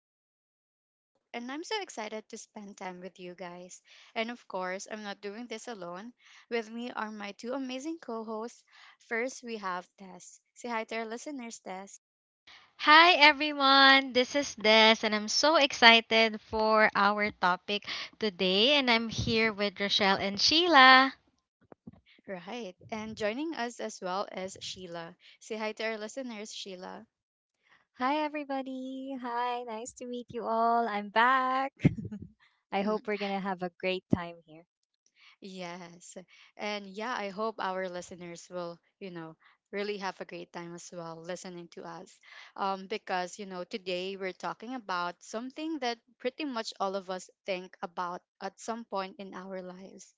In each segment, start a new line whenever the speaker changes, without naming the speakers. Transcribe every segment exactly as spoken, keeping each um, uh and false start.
your host, Rochelle, and I'm so excited to spend time with you guys. And of course, I'm not doing this alone. With me are my two amazing co hosts. First, we have Tess. Say hi to our listeners, Tess.
Hi everyone, this is Des, and I'm so excited for our topic today. And I'm here with Rochelle and Sheila.
Right. And joining us as well is Sheila. Say hi to our listeners, Sheila.
Hi, everybody. Hi, nice to meet you all. I'm back. I hope we're going to have a great time here.
Yes. And yeah, I hope our listeners will, you know, really have a great time as well listening to us. Um, because, you know, today we're talking about something that pretty much all of us think about at some point in our lives.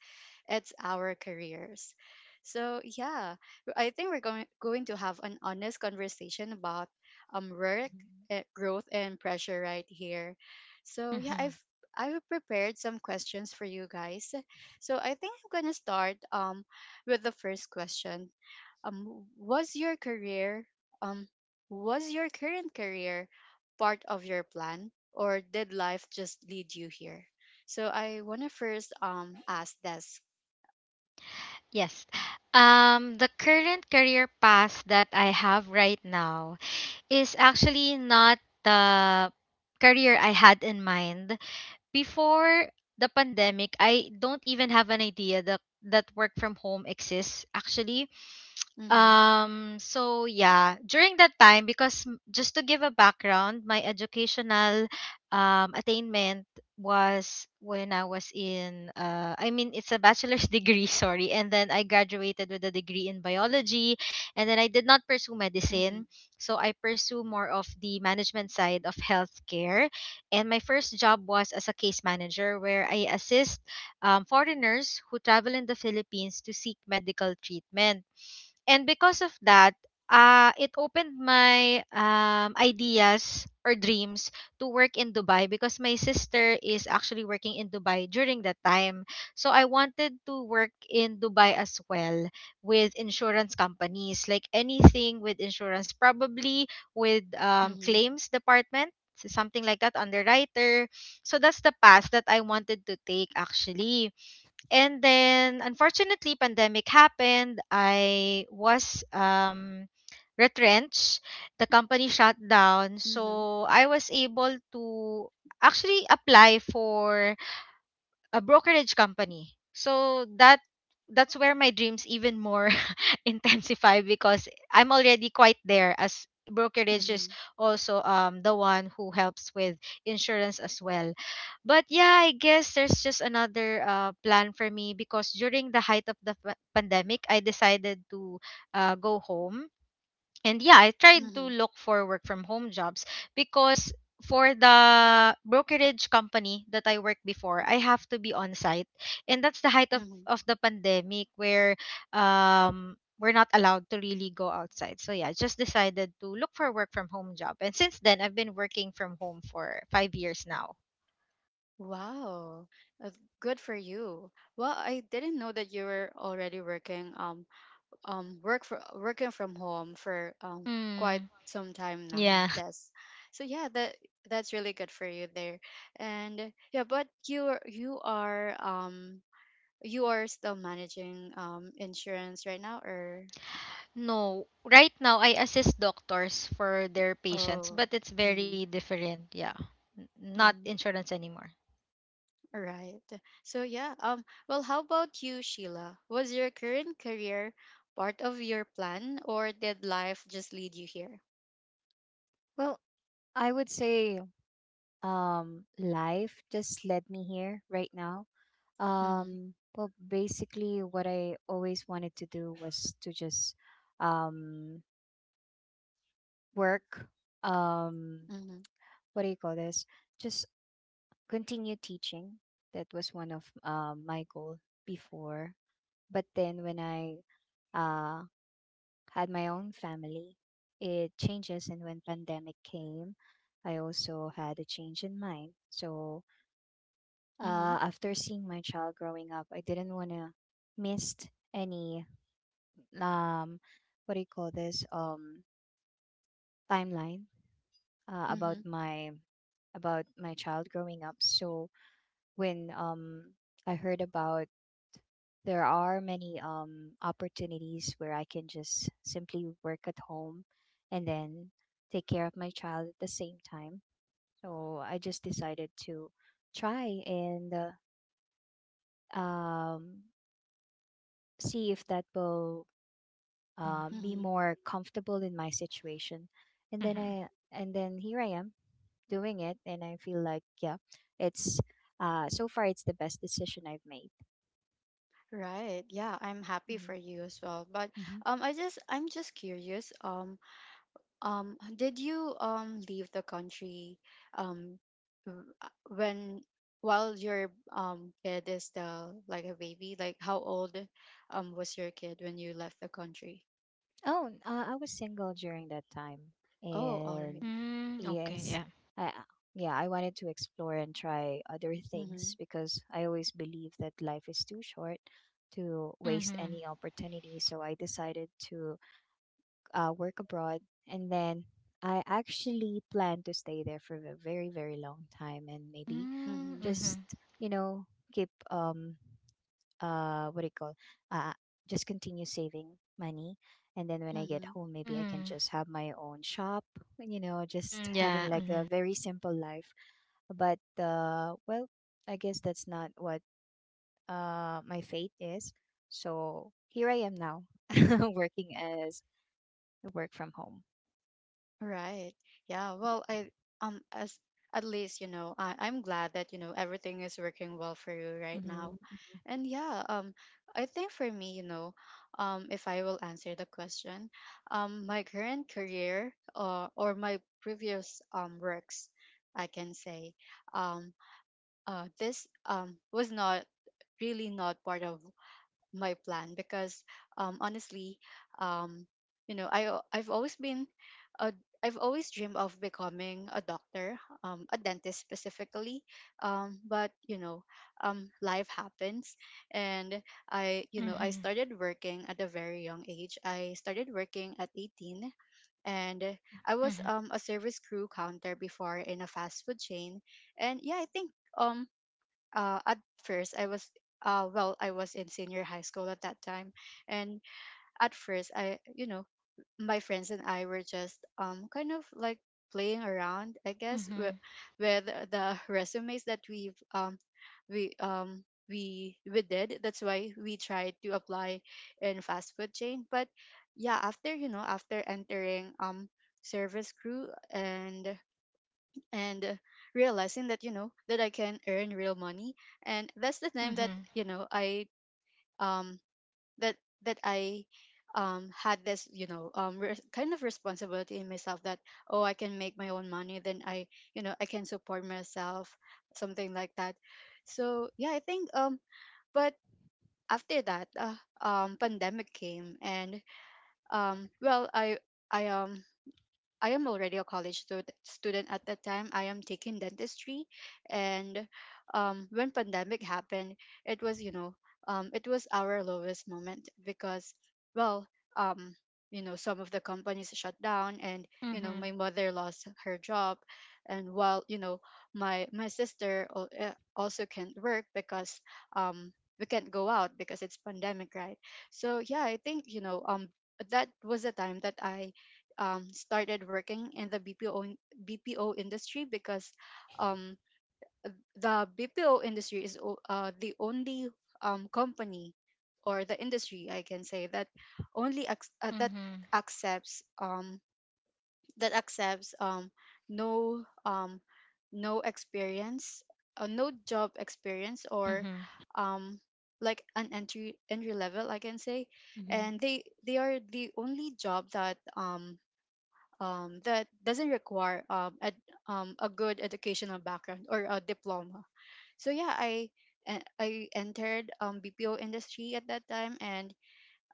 It's our careers. So yeah, I think we're going going to have an honest conversation about um work,
Mhm.
eh, growth and pressure right here. So yeah, I've
Mhm.
I've prepared some questions for you guys, so I think I'm gonna start um with the first question. Um, was your career um was your current career part of your plan, or did life just lead you here? So I wanna first um ask this.
Yes, um, the current career path that I have right now is actually not the career I had in mind before the pandemic. I don't even have an idea that that work from home exists actually.
Mm-hmm.
Um, so yeah, during that time, because m- just to give a background, my educational um, attainment was when I was in, uh, I mean, it's a bachelor's degree, sorry, and then I graduated with a degree in biology, and then I did not pursue
Mm-hmm.
medicine, so I pursue more of the management side of healthcare, and my first job was as a case manager where I assist um, foreigners who travel in the Philippines to seek medical treatment. And because of that, uh, it opened my um, ideas or dreams to work in Dubai, because my sister is actually working in Dubai during that time. So I wanted to work in Dubai as well with insurance companies, like anything with insurance, probably with um,
Mm-hmm.
claims department. so Something like that, underwriter. So that's the path that I wanted to take actually. And then unfortunately pandemic happened. I was um retrenched. The company shut down.
Mm-hmm.
So I was able to actually apply for a brokerage company. So that that's where my dreams even more intensify, because I'm already quite there, as brokerage is
Mm-hmm.
also um the one who helps with insurance as well. But yeah, I guess there's just another uh, plan for me, because during the height of the pa- pandemic, I decided to uh, go home and yeah, I tried to
Mm-hmm.
look for work from home jobs, because for the brokerage company that I worked before, I have to be on site. And that's the height of,
Mm-hmm.
of the pandemic, where um we're not allowed to really go outside. So yeah, I just decided to look for a work from home job. And since then I've been working from home for five years now.
Wow, uh, good for you. Well, I didn't know that you were already working um um work for working from home for um quite
Mm,
some time now.
yeah.
That's so yeah that that's really good for you there. And yeah, but you are you are um you are still managing um insurance right now or—
No. Right now I assist doctors for their patients,
Oh,
but it's
mm-hmm,
very different, yeah. N- Not
mm-hmm.
insurance anymore.
All right. So yeah, um well how about you, Sheila, was your current career part of your plan or did life just lead you here?
Well, I would say um, life just led me here right now.
Mm-hmm,
Um, well, basically, what I always wanted to do was to just um, work. Um,
mm-hmm,
what do you call this? Just continue teaching. That was one of uh, my goal before. But then when I uh, had my own family. It changes, and when pandemic came, I also had a change in mind. So
mm-hmm,
uh, after seeing my child growing up, I didn't want to miss any um what do you call this um timeline uh, about
mm-hmm,
my about my child growing up. So when um I heard about there are many um opportunities where I can just simply work at home and then take care of my child at the same time. So I just decided to try and uh, um see if that will
Mm,
uh, be
mm-hmm.
more comfortable in my situation. And then
mhm.
I and then here I am doing it, and I feel like yeah, it's uh so far it's the best decision I've made.
Right. Yeah, I'm happy
Hmm.
for you as well. But
Hmm.
um I just I'm just curious. Um um did you um leave the country um w- uh, when while your um kid is still like a baby? Like how old um was your kid when you left the country?
Oh, n- uh, I was single during that time,
Oh, all right.
and
Mm, okay,
yes,
yeah.
I uh, yeah, I wanted to explore and try other
Mhm.
things because I always believe that life is too short to waste
Mm-hmm.
any opportunity. So I decided to uh, work abroad, and then I actually plan to stay there for a very, very long time, and maybe
Mm,
Mhm.
mm-hmm.
just, you know, keep um uh what do you call uh just continue saving money, and then when I get
Mhm.
home, maybe I can
Mm-hmm.
just have my own shop, you know, just
Mm,
having
yeah.
like a
Mm-hmm.
very simple life. But uh well, I guess that's not what uh my fate is, so here I am now, working as work from home.
Right. Yeah. Well, I um as at least you know I I'm glad that you know everything is working well for you right
Mm-hmm.
now, and yeah. Um, I think for me, you know, um, if I will answer the question, um, my current career or or my previous um works, I can say, um, uh, this um was not really not part of my plan because um, honestly, um, you know, I al- I've always been a I've always dreamed of becoming a doctor, um, a dentist specifically. Um, but you know, um, life happens, and I, you know, I started working at a very young age. I started working at eighteen, and I was
Mm-hmm.
um, a service crew counter before in a fast food chain. And yeah, I think um, uh, at first I was uh, well I was in senior high school at that time, and at first I you know my friends and I were just um kind of like playing around I guess
Mm-hmm. Mm-hmm.
with, with the resumes that we've um we um we we did. That's why we tried to apply in fast food chain. But yeah, after you know after entering um service crew, and and uh, realizing that you know that I can earn real money, and that's the
Yeah.
time
Mm-hmm. Mm-hmm.
that you know I um that that I um had this you know um re- kind of responsibility in myself that oh I can make my own money, then I you know I can support myself, something like that. So yeah, I think um but after that, uh, um pandemic came, and um well I I um I am already a college stud- student at that time. I am taking dentistry, and um, when pandemic happened, it was you know um, it was our lowest moment because well um, you know some of the companies shut down, and you know
Mm-hmm.
my mother lost her job, and while you know my my sister al- uh, also can't work because um, we can't go out because it's pandemic, right? So yeah, I think you know um that was the time that I um, started working in the B P O in- B P O industry because um, the B P O industry is o- uh, the only um, company or the industry I can say that only ac- uh,
Mm-hmm.
that
Mm-hmm.
accepts um, that accepts um, no um, no experience, uh, no job experience, or
Mm-hmm.
um, like an entry entry level I can say.
Mm-hmm.
And they they are the only job that um um, that doesn't require um, a, um, a good educational background or a diploma. So yeah, I e- I entered um, B P O industry at that time, and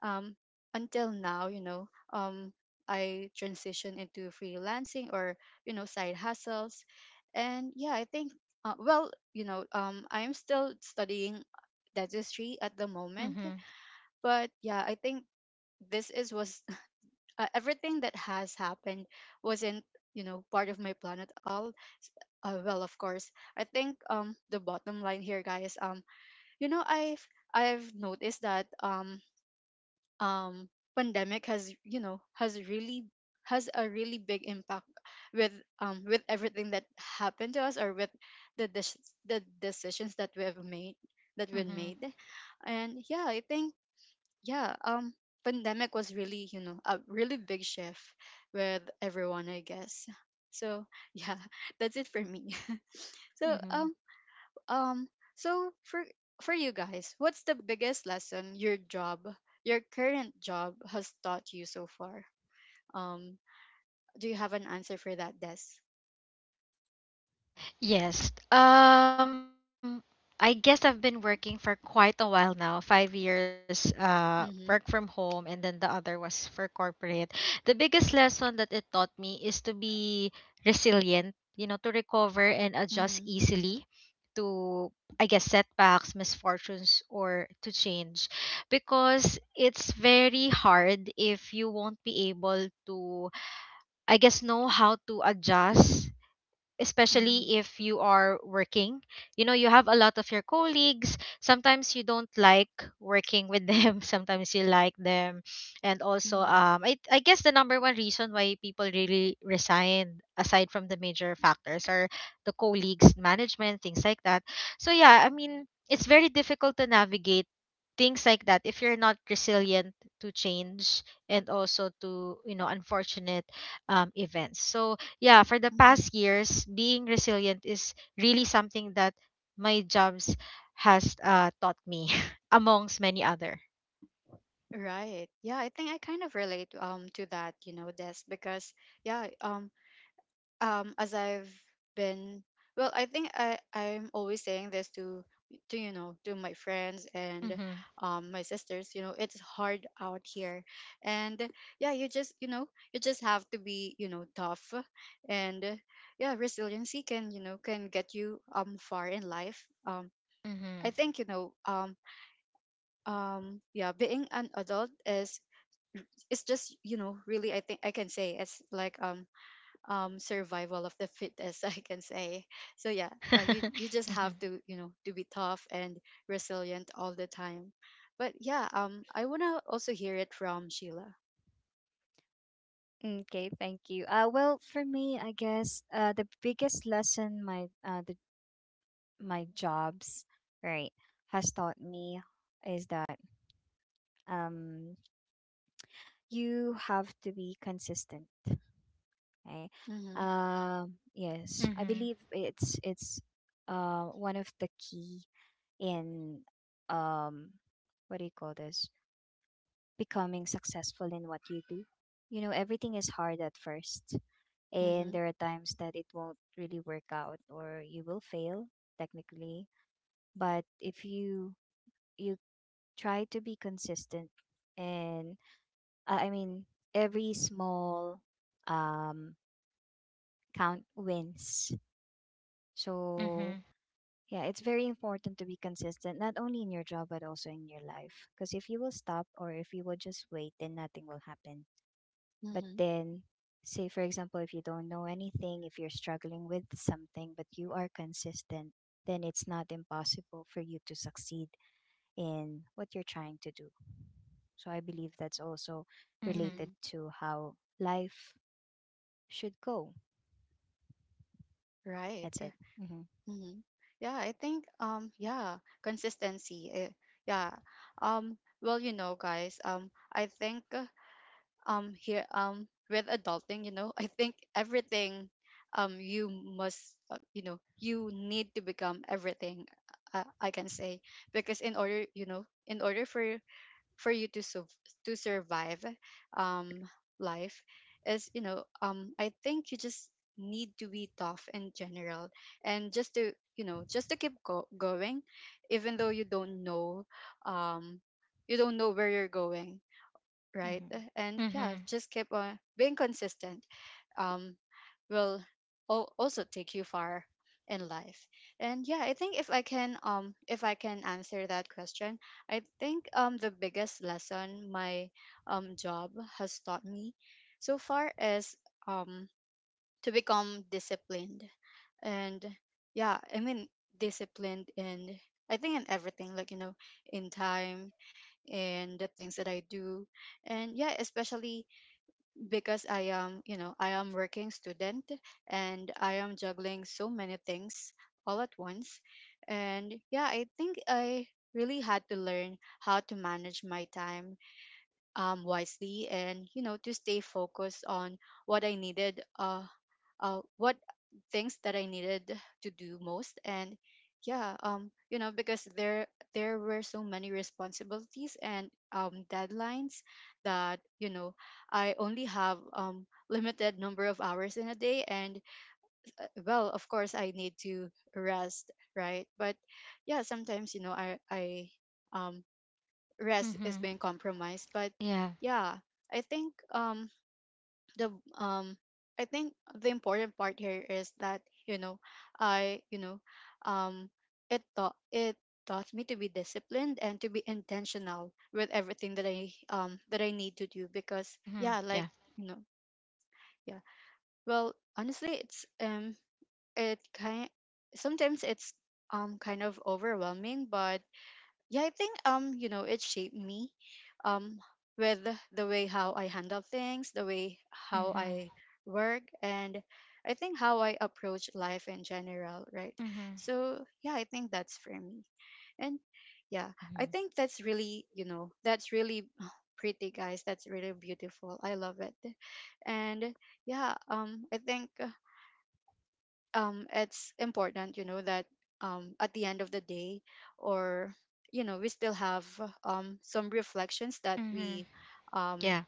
um, until now, you know, um, I transitioned into freelancing or you know side hustles, and yeah, I think uh, well, you know, um, I'm still studying dentistry at the moment,
Mm-hmm.
but yeah, I think this is was uh, everything that has happened wasn't you know part of my plan at all. Uh, well of course, I think um the bottom line here guys, um you know i've i've noticed that um um pandemic has you know has really has a really big impact with um with everything that happened to us, or with the dec- the decisions that we have made, that we made
Mm-hmm.
and yeah I think yeah um pandemic was really you know a really big shift with everyone I guess. So yeah, that's it for me. So
Mm-hmm.
um um so for for you guys, what's the biggest lesson your job your current job has taught you so far? um do you have an answer for that, Des?
Yes. Um, I guess I've been working for quite a while now. Five years, uh, work
Mm-hmm.
from home, and then the other was for corporate. The biggest lesson that it taught me is to be resilient. You know, to recover and adjust
Mm-hmm.
easily to, I guess, setbacks, misfortunes or to change, because it's very hard if you won't be able to, I guess, know how to adjust,
Mm-hmm.
especially if you are working, you know, you have a lot of your colleagues. Sometimes you don't like working with them, sometimes you like them. And also
Mm-hmm.
um I, I guess the number one reason why people really resign aside from the major factors are the colleagues, management, things like that. So yeah, I mean, it's very difficult to navigate things like that if you're not resilient to change, and also to, you know, unfortunate um, events. So yeah, for the
Mm-hmm.
past years, being resilient is really something that my jobs has uh, taught me, amongst many other.
Right. Yeah, I think I kind of relate um to that, you know, Des, because yeah, um um as I've been well I think I I'm always saying this to to you know to my friends and
Mm-hmm.
um my sisters, you know it's hard out here, and yeah you just you know you just have to be you know tough, and uh, yeah resiliency can you know can get you um far in life. um
Mm-hmm.
I think you know um um yeah being an adult is, it's just you know really I think I can say it's like um um survival of the fittest, I can say. So yeah, uh, you, you just have
Mm-hmm.
to you know to be tough and resilient all the time. But yeah um I want to also hear it from Sheila.
Okay, thank you. Uh, well, for me, I guess uh, the biggest lesson my uh, my jobs, right, has taught me is that um you have to be consistent. Okay.
Mhm.
Um yes, I
Mm-hmm.
believe it's it's uh one of the key in um what do you call this? Becoming successful in what you do. You know, everything is hard at first, and
Mhm.
there are times that it won't really work out or you will fail technically. But if you you try to be consistent and uh, I mean, every small um count wins. So
Mm-hmm.
yeah, it's very important to be consistent not only in your job but also in your life, because if you will stop or if you will just wait, then nothing will happen. But
Mhm.
then, say for example, if you don't know anything, if you're struggling with something but you are consistent, then it's not impossible for you to succeed in what you're trying to do. So I believe that's also
Mm-hmm.
related
Mhm.
to how life should go.
Right.
That's it.
Mhm. Yeah, I think um yeah consistency, eh, yeah. um well you know guys, um I think uh, um here um with adulting, you know I think everything um you must uh, you know you need to become everything, uh, I can say, because in order you know in order for for you to su- to survive um life, is you know um I think you just need to be tough in general, and just to you know just to keep go- going even though you don't know um you don't know where you're going, right?
Hmm.
Uh, And yeah,
Mm-hmm.
just keep on being consistent. Um, will al- also take you far in life. And yeah, I think if I can um if I can answer that question, I think um the biggest lesson my um job has taught me so far is um to become disciplined. And yeah I mean disciplined in, I think in everything, like you know in time and the things that I do. And yeah especially because I am you know I am working student and I am juggling so many things all at once. And yeah I think I really had to learn how to manage my time um, wisely, and you know to stay focused on what I needed uh, uh, what things that I needed to do most. And yeah um you know because there there were so many responsibilities and um deadlines that you know I only have um limited number of hours in a day, and uh, well of course I need to rest right, but yeah sometimes you know I I um rest is
Mm-hmm.
being compromised. But
Yeah.
yeah I think um the um I think the important part here is that you know I you know um it taught it taught me to be disciplined and to be intentional with everything that I um that I need to do, because
Mm-hmm.
yeah like
Yeah.
you know. Yeah well honestly it's um it kind sometimes it's um kind of overwhelming, but yeah I think um you know it shaped me um with the way how I handle things, the way how
Mm-hmm.
I work. And I think how I approach life in general, right?
Mm-hmm.
So yeah I think that's for me. And yeah, I
Hmm.
think that's really you know that's really pretty guys, that's really beautiful, I love it. And yeah um I think um it's important you know that um at the end of the day, or you know we Still have um some reflections that
Mm-hmm.
we, um
Yeah.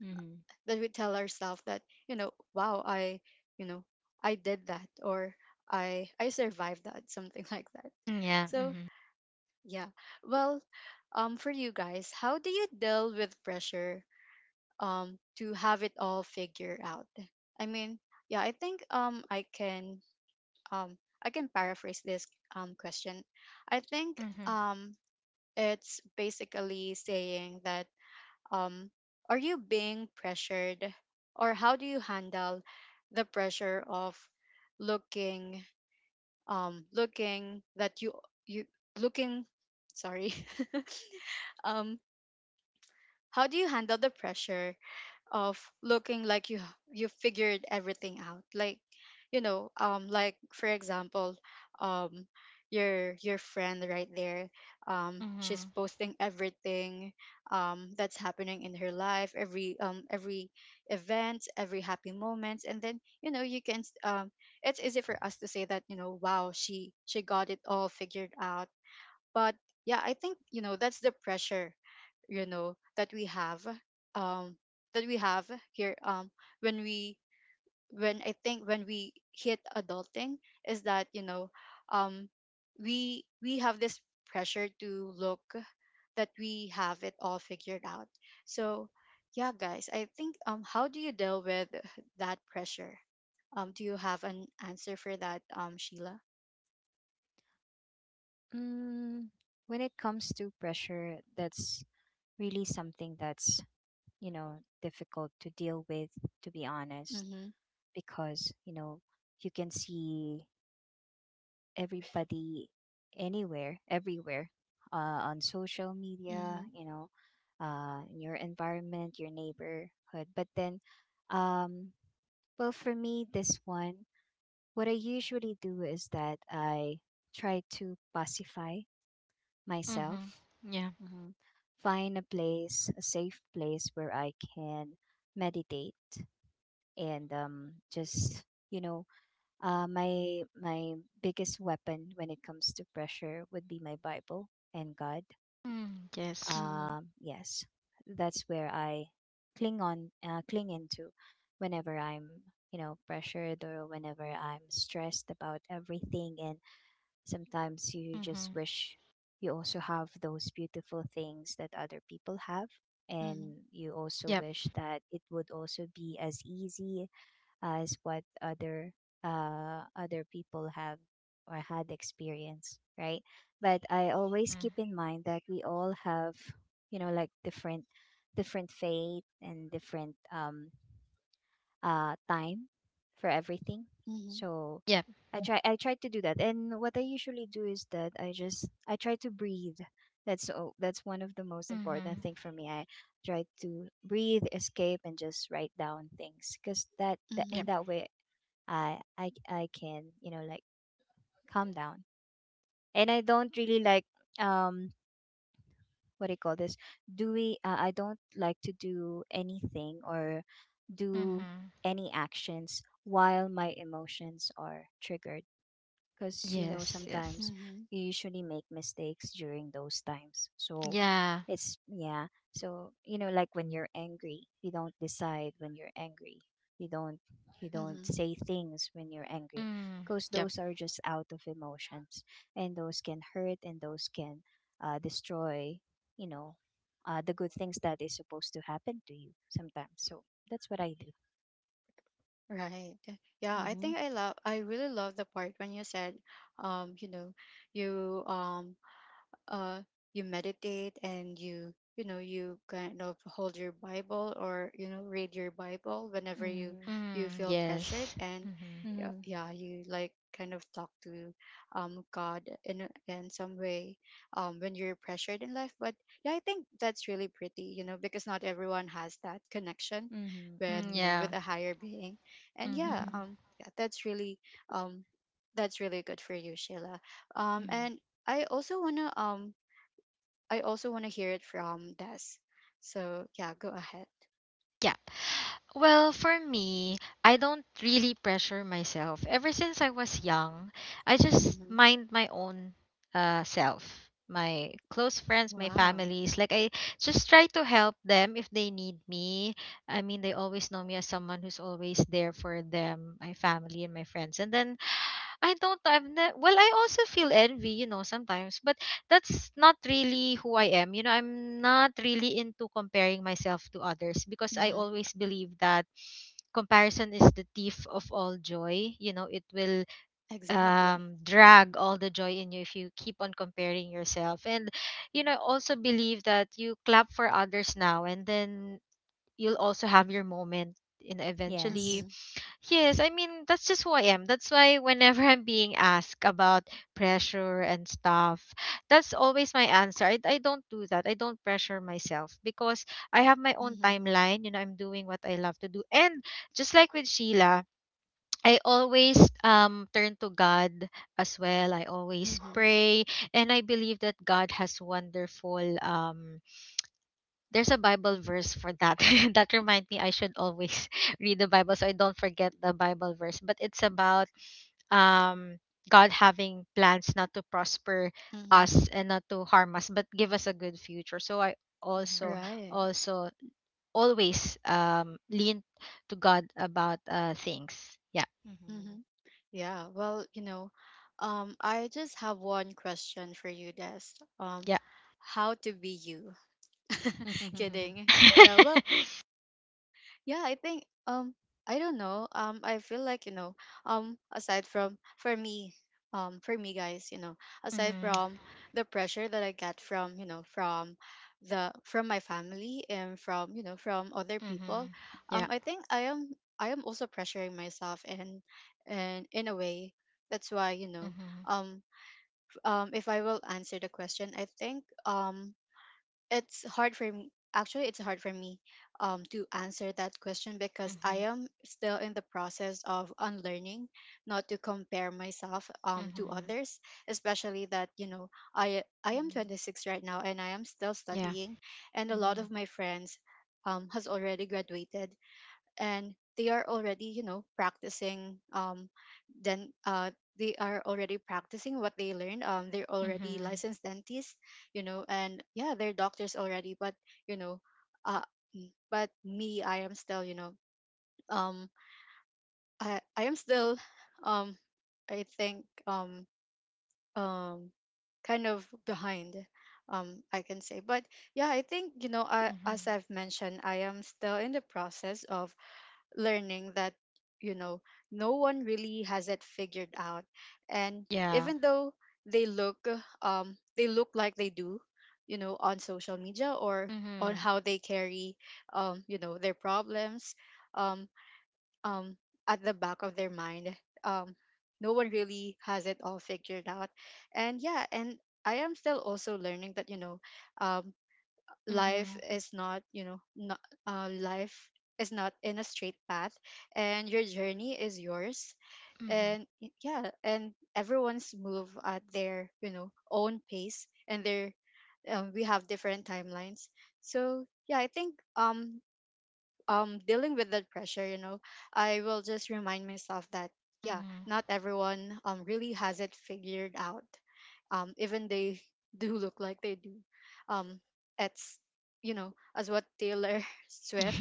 Hmm. Hmm.
that we tell ourselves that, you know, wow, i you know I did that, or i i survived that, something like that.
Mm, yeah.
So
Mm-hmm.
yeah, well um for you guys, how do you deal with pressure, um to have it all figured out? I mean, yeah, I think um I can, um, I can paraphrase this um, question. I think,
Mm-hmm.
um, it's basically saying that, um, are you being pressured, or how do you handle the pressure of looking, um, looking that you you looking sorry um, how do you handle the pressure of looking like you you figured everything out, like, you know, um like, for example, um your your friend right there, um she's
Mm-hmm.
posting everything, um that's happening in her life, every um every event, every happy moments. And then, you know, you can s- um it's easy for us to say that, you know, wow, she she got it all figured out. But yeah, I think, you know, that's the pressure, you know, that we have, um that we have here, um when we, when I think when we hit adulting, is that, you know, um we we have this pressure to look that we have it all figured out. So yeah, guys, I think, um how do you deal with that pressure? Um do you have an answer for that, um Sheila?
Mm, when it comes to pressure, that's really something that's, you know, difficult to deal with. To be honest,
Mhm.
because you know, you can see everybody anywhere, everywhere, uh, on social media,
Mhm.
you know, uh, in your environment, your neighborhood. But then um, well, for me, this one, what I usually do is that I try to pacify
Mm-hmm.
myself.
Yeah.
Hmm. Find a place, a safe place, where I can meditate and um, just, you know, Uh, my my biggest weapon when it comes to pressure would be my Bible and God.
Mm, yes.
Mhm.
Um, yes, that's where I cling on, uh, cling into, whenever I'm, you know, pressured or whenever I'm stressed about everything. And sometimes you just
Mm-hmm.
wish you also have those beautiful things that other people have,
Mhm.
and you also
Yep.
wish that it would also be as easy as what other uh other people have or had experience, right? But I always
Mm-hmm.
keep in mind that we all have, you know, like different different fate and different um uh time for everything.
Mhm.
So
Yep.
i try i try to do that, and what I usually do is that i just i try to breathe. That's, oh, that's one of the most important
Mm-hmm.
thing for me. I try to breathe, escape, and just write down things, because that, that in
Yep.
Mhm.
that way I I I can, you know, like calm down, and I don't really like um what do you call this? Do we? Uh, I don't like to do anything or do
Mm-hmm.
any actions while my emotions are triggered, because you know,
Yes. Yes.
sometimes
Mhm.
you usually make mistakes during those times. So
Yeah.
it's, yeah, so you know, like when you're angry, you don't decide when you're angry. You don't you don't
Mhm.
say things when you're angry,
Mm.
because
Yep.
those are just out of emotions, and those can hurt, and those can uh, destroy, you know, uh, the good things that is supposed to happen to you sometimes. So that's what I do.
Right. Yeah, I
Mm-hmm.
think I love, I really love the part when you said, um you know, you um uh, you meditate and you you know, you kind of hold your bible, or you know, read your bible whenever you,
Mm-hmm.
you
Mm.
feel pressured.
Yes.
And
Mm-hmm.
yeah,
Mm-hmm.
yeah, you like kind of talk to um god in a- in some way, um when you're pressured in life. But yeah, I think that's really pretty, you know, because not everyone has that connection with,
Mm,
Mm-hmm.
you know,
yeah.
with a higher being. And yeah,
Mm-hmm.
Mm-hmm.
um yeah, that's really um that's really good for you, Sheila. Um
Mm-hmm.
and I also wanna, um I also wanna hear it from Des. So yeah, go ahead.
Yeah. Well, for me, I don't really pressure myself. Ever since I was young, I just
Mm-hmm.
mind my own uh, self, my close friends, my
Wow.
families. Like, I just try to help them if they need me. I mean, they always know me as someone who's always there for them, my family, and my friends. And then I don't. I've ne- well, I also feel envy, you know, sometimes, but that's not really who I am. You know, I'm not really into comparing myself to others, because I
Mm-hmm.
always believe that comparison is the thief of all joy. You know, it will
Exactly.
um drag all the joy in you if you keep on comparing yourself. And you know, I also believe that you clap for others now, and then you'll also have your moment, you know, eventually.
Yes.
Mm-hmm.
Yes, I mean, that's just who I am. That's why whenever I'm being asked about pressure and stuff, that's always my answer. I, I don't do that. I don't pressure myself because I have my own
Mm-hmm.
timeline. You know, I'm doing what I love to do. And just like with Sheila, I always um, turn to God as well. I always
Mm-hmm.
pray. And I believe that God has wonderful um, there's a Bible verse for that that remind me I should always read the Bible so I don't forget the Bible verse. But it's about um God having plans not to prosper
Mm-hmm.
us and not to harm us, but give us a good future. So I also
Mhm.
Right.
also always um lean to God about uh things. Yeah.
Mhm.
Mm-hmm. Yeah. Well, you know, um, I just have one question for you, Des. Um,
Yeah.
how to be you? Kidding. Yeah.
Mhm.
Well, yeah, I think um I don't know. Um I feel like, you know, um aside from for me, um for me, guys, you know, aside from the pressure that I get from, you know, from the from my family, and from, you know, from other people,
Mhm. Yeah.
um I think I am, I am also pressuring myself, and and in a way that's why, you know,
Mhm.
um um if I will answer the question, I think um it's hard for me, actually, it's hard for me, um, to answer that question, because I
Mhm.
am still in the process of unlearning not to compare myself, um, to
Mhm.
others, especially that, you know, i i
Mhm.
am
Mhm.
twenty-six right now, and I am still
Yeah.
studying. And a lot
Mhm.
of my friends um, has already graduated, and they are already, you know, practicing, um then uh they are already practicing what they learned, um they're already
Mhm.
licensed dentists, you know. And yeah, they're doctors already. But you know, uh mm, but me, I am still, you know, um i i am still um I think um um kind of behind, um I can say. But yeah, I think, you know, I, as
Mhm.
I've mentioned, I am still in the process of learning that, you know, no one really has it figured out. And
Yeah.
even though they look, um they look like they do, you know, on social media, or on
Mhm.
how they carry um you know, their problems, um um at the back of their mind, um no one really has it all figured out. And yeah, and I am still also learning that, you know, um life
Mhm.
is not, you know, not uh, life is not in a straight path. And your journey is yours,
Mhm.
and y- yeah, and everyone's move at their, you know, own pace, and their um, we have different timelines. So yeah, I think um um dealing with that pressure, you know, I will just remind myself that, yeah,
Mhm.
not everyone um really has it figured out, um even they do look like they do. um it's, you know, as what Taylor Swift,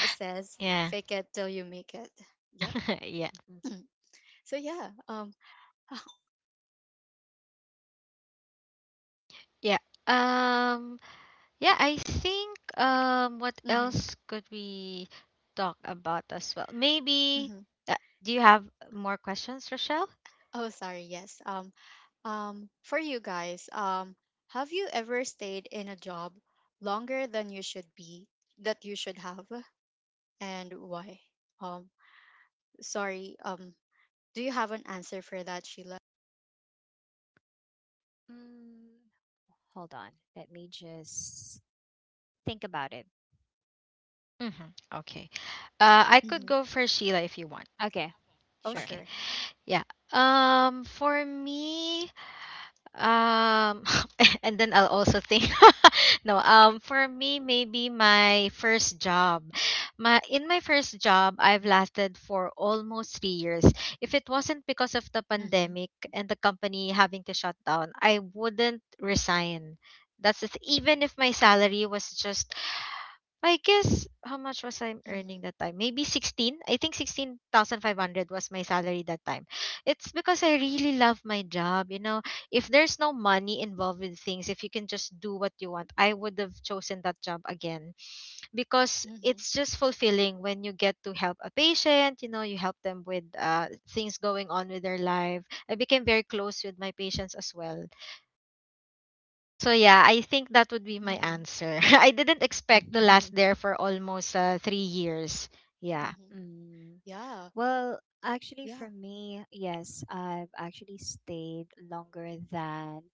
uh, says,
Yeah.
fake it till you make it. Yeah.
Yeah.
So yeah, um
Yeah. Um yeah, I think um what
hmm.
else could we talk about as well? Maybe
Hmm.
uh, do you have more questions, Rochelle?
Oh, sorry, yes. Um um for you guys, um have you ever stayed in a job longer than you should be, that you should have, and why? Um, Sorry. Um, do you have an answer for that, Sheila?
Mm, hold on. Let me just think about it.
Mhm. Okay. Uh, I could
Mm-hmm.
go for Sheila if you want.
Okay.
Oh,
Sure.
Okay.
sure.
Yeah. Um, for me, um, and then I'll also think. No, um, for me, maybe my first job. My in my first job, I've lasted for almost three years. If it wasn't because of the
Mm-hmm.
pandemic and the company having to shut down, I wouldn't resign. That's the th- even if my salary was just, I guess, how much was I earning
Mm-hmm.
that time? Maybe sixteen. I think sixteen thousand five hundred was my salary that time. It's because I really love my job, you know. If there's no money involved with things, if you can just do what you want, I would have chosen that job again, because
Mm-hmm.
it's just fulfilling when you get to help a patient, you know, you help them with uh, things going on with their life. I became very close with my patients as well. So yeah, I think that would be my
Mm-hmm.
answer. I didn't expect to last there for almost uh, three years. Yeah.
Mm-hmm.
Mm,
Yeah.
well, actually,
Yeah.
for me, yes, I've actually stayed longer than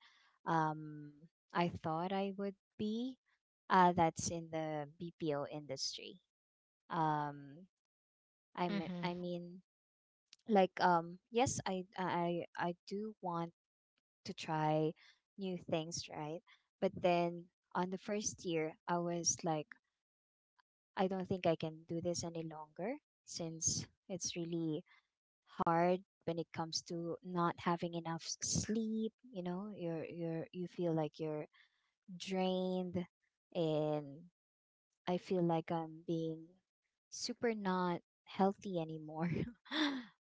um, I thought I would be. Uh, that's in the B P O industry. Um, I'm,
Mm-hmm.
I mean, like um yes, I I I do want to try new things, right? But then on the first year, I was like, I don't think I can do this any longer, since it's really hard when it comes to not having enough s- sleep. You know, you're you're you feel like you're drained, and I feel like I'm being super not healthy anymore.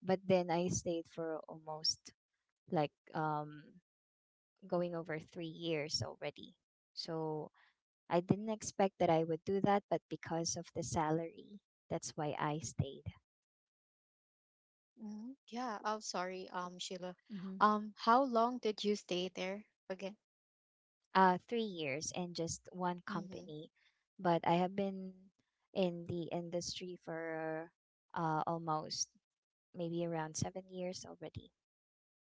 But then I stayed for almost like um going over three years already. So I didn't expect that I would do that, but because of the salary, that's why I stayed.
Mm-hmm. Yeah. Oh, sorry. Um, Sheila.
Mm-hmm.
Um, how long did you stay there again?
Uh, three years in just one
Mm-hmm.
company, but I have been in the industry for uh, almost maybe around seven years already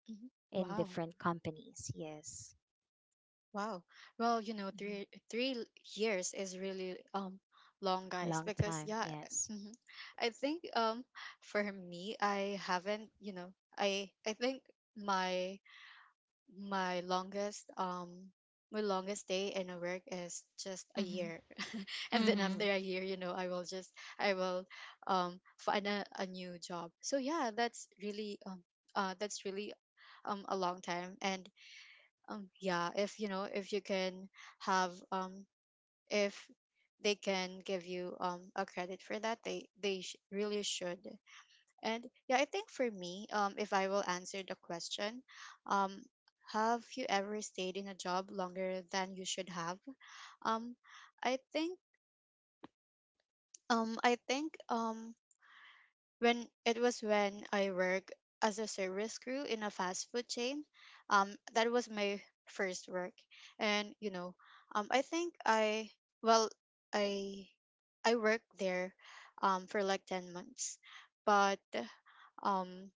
Mm-hmm.
in
Wow.
different companies. Yes.
Wow. Well, you know,
Mm-hmm.
three three l- years is really um long, guys.
Long
Because
time.
yeah,
Yes.
mm-hmm. I think um for me, I haven't. You know, I I think my my longest um my longest day in a work is just a year.
Mm-hmm.
And then after
Mm,
a year, you know, i will just i will um find a, a new job. So yeah, that's really um uh, that's really um a long time. And um yeah, if, you know, if you can have, um if they can give you um a credit for that, they they sh- really should. And yeah, I think for me, um, if I will answer the question, um, have you ever stayed in a job longer than you should have? Um, I think, um, I think, um, when it was when I work as a service crew in a fast food chain, um, that was my first work. And you know, um, I think I, well, I I worked there, um, for like ten months. But um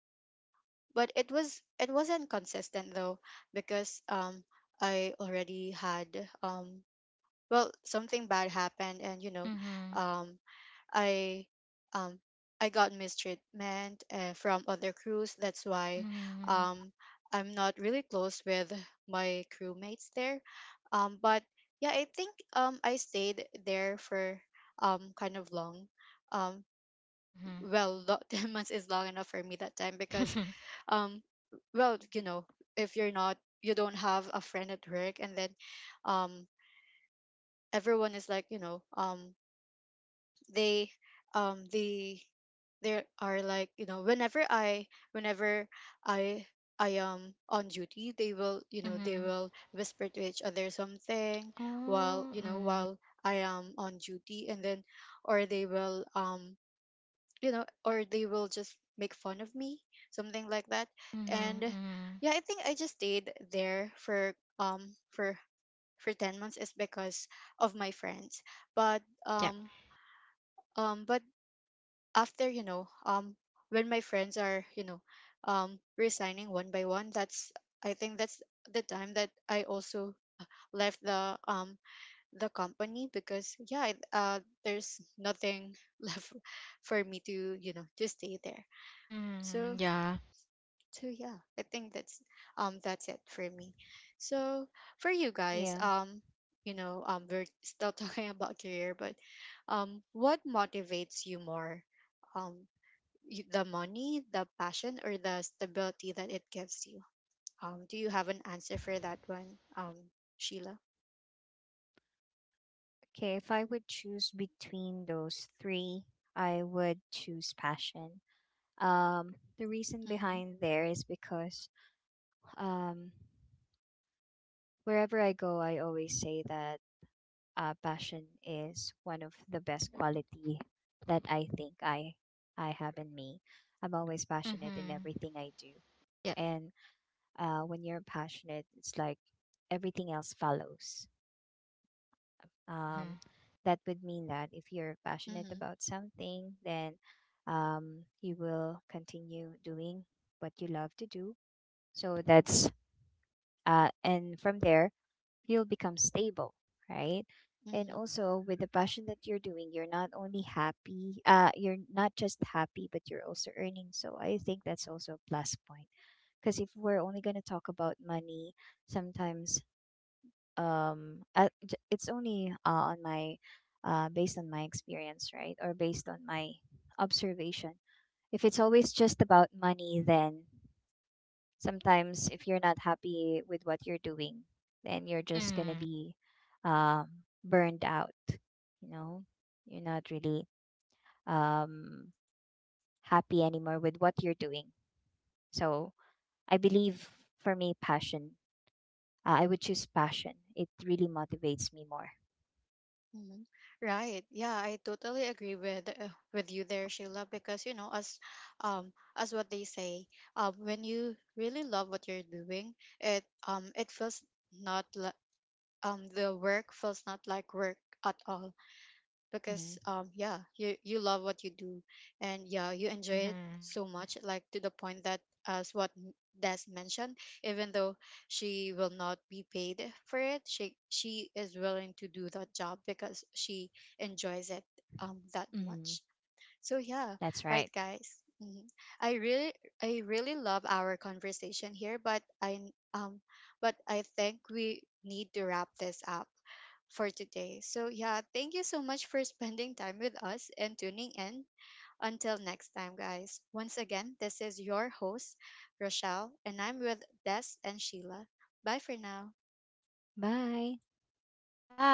but it was, it wasn't consistent though, because um I already had, um well, something bad happened, and you know,
Mm-hmm.
um I um I got mistreatment, uh, from other crews. That's why
Mm-hmm.
um I'm not really close with my crewmates there. Um but yeah, I think um I stayed there for um kind of long. Um,
Mm-hmm.
well, lo- ten months is long enough for me that time, because
Mm-hmm.
um well, you know, if you're not, you don't have a friend at work, and then, um everyone is like, you know, um they um they, there are like, you know, whenever i whenever i i am on duty, they will, you know, they
Mm-hmm.
will whisper to each other something while,
Oh.
you know,
Mm-hmm.
while I am on duty. And then, or they will, um you know, or they will just make fun of me, something like that.
Mm-hmm.
And
Mm-hmm.
yeah, I think I just stayed there for um for for ten months, is because of my friends. But
Yeah.
um um but after, you know, um when my friends are, you know, um resigning one by one, that's, I think that's the time that I also left the um the company. Because yeah, I- uh there's nothing left for me to, you know, to stay there.
Mm-hmm.
So,
Yeah.
so yeah, I think that's um that's it for me. So for you guys,
yeah.
um, you know, um we're still talking about career. But um what motivates you more? Um you, the money, the passion, or the stability that it gives you? Um do you have an answer for that one? Um Sheila.
Okay, if I would choose between those three, I would choose passion. Um, the reason
Mhm.
behind there is because um, wherever I go, I always say that uh, passion is one of the best quality that I think I I have in me. I'm always passionate in
Mm-hmm.
everything I do,
Yeah.
and uh, when you're passionate, it's like everything else follows.
Mm-hmm.
Um, that would mean that if you're passionate
Mhm.
about something, then um, you will continue doing what you love to do. So that's, uh, and from there, you'll become stable, right? And
Mhm.
also with the passion that you're doing, you're not only happy, uh, you're not just happy, but you're also earning. So I think that's also a plus point. Because if we're only going to talk about money, sometimes um uh, j- it's only uh, on my uh based on my experience, right, or based on my observation, if it's always just about money, then sometimes if you're not happy with what you're doing, then you're just going to
Mm-hmm.
be um burned out, you know, you're not really um happy anymore with what you're doing. So I believe, for me, passion, uh, I would choose passion. It really motivates me more.
Mhm. Right. Yeah, I totally agree with, uh, with you there, Sheila. Because you know, as um as what they say, um when you really love what you're doing, it um it feels not li- um the work feels not like work at all. Because
Hmm.
um yeah, you you love what you do. And yeah, you enjoy it
Mm-hmm.
so much, like to the point that, as what M- Des mentioned, even though she will not be paid for it, she she is willing to do that job, because she enjoys it um that
Hmm.
much. So yeah,
That's
right
right.
guys. Mhm. I really, I really love our conversation here, but I n- um but I think we need to wrap this up for today. So yeah, thank you so much for spending time with us, and tuning in. Until next time, guys. Once again, this is your host, Rochelle, and I'm with Des and Sheila. Bye for now.
Bye.
Bye, everyone.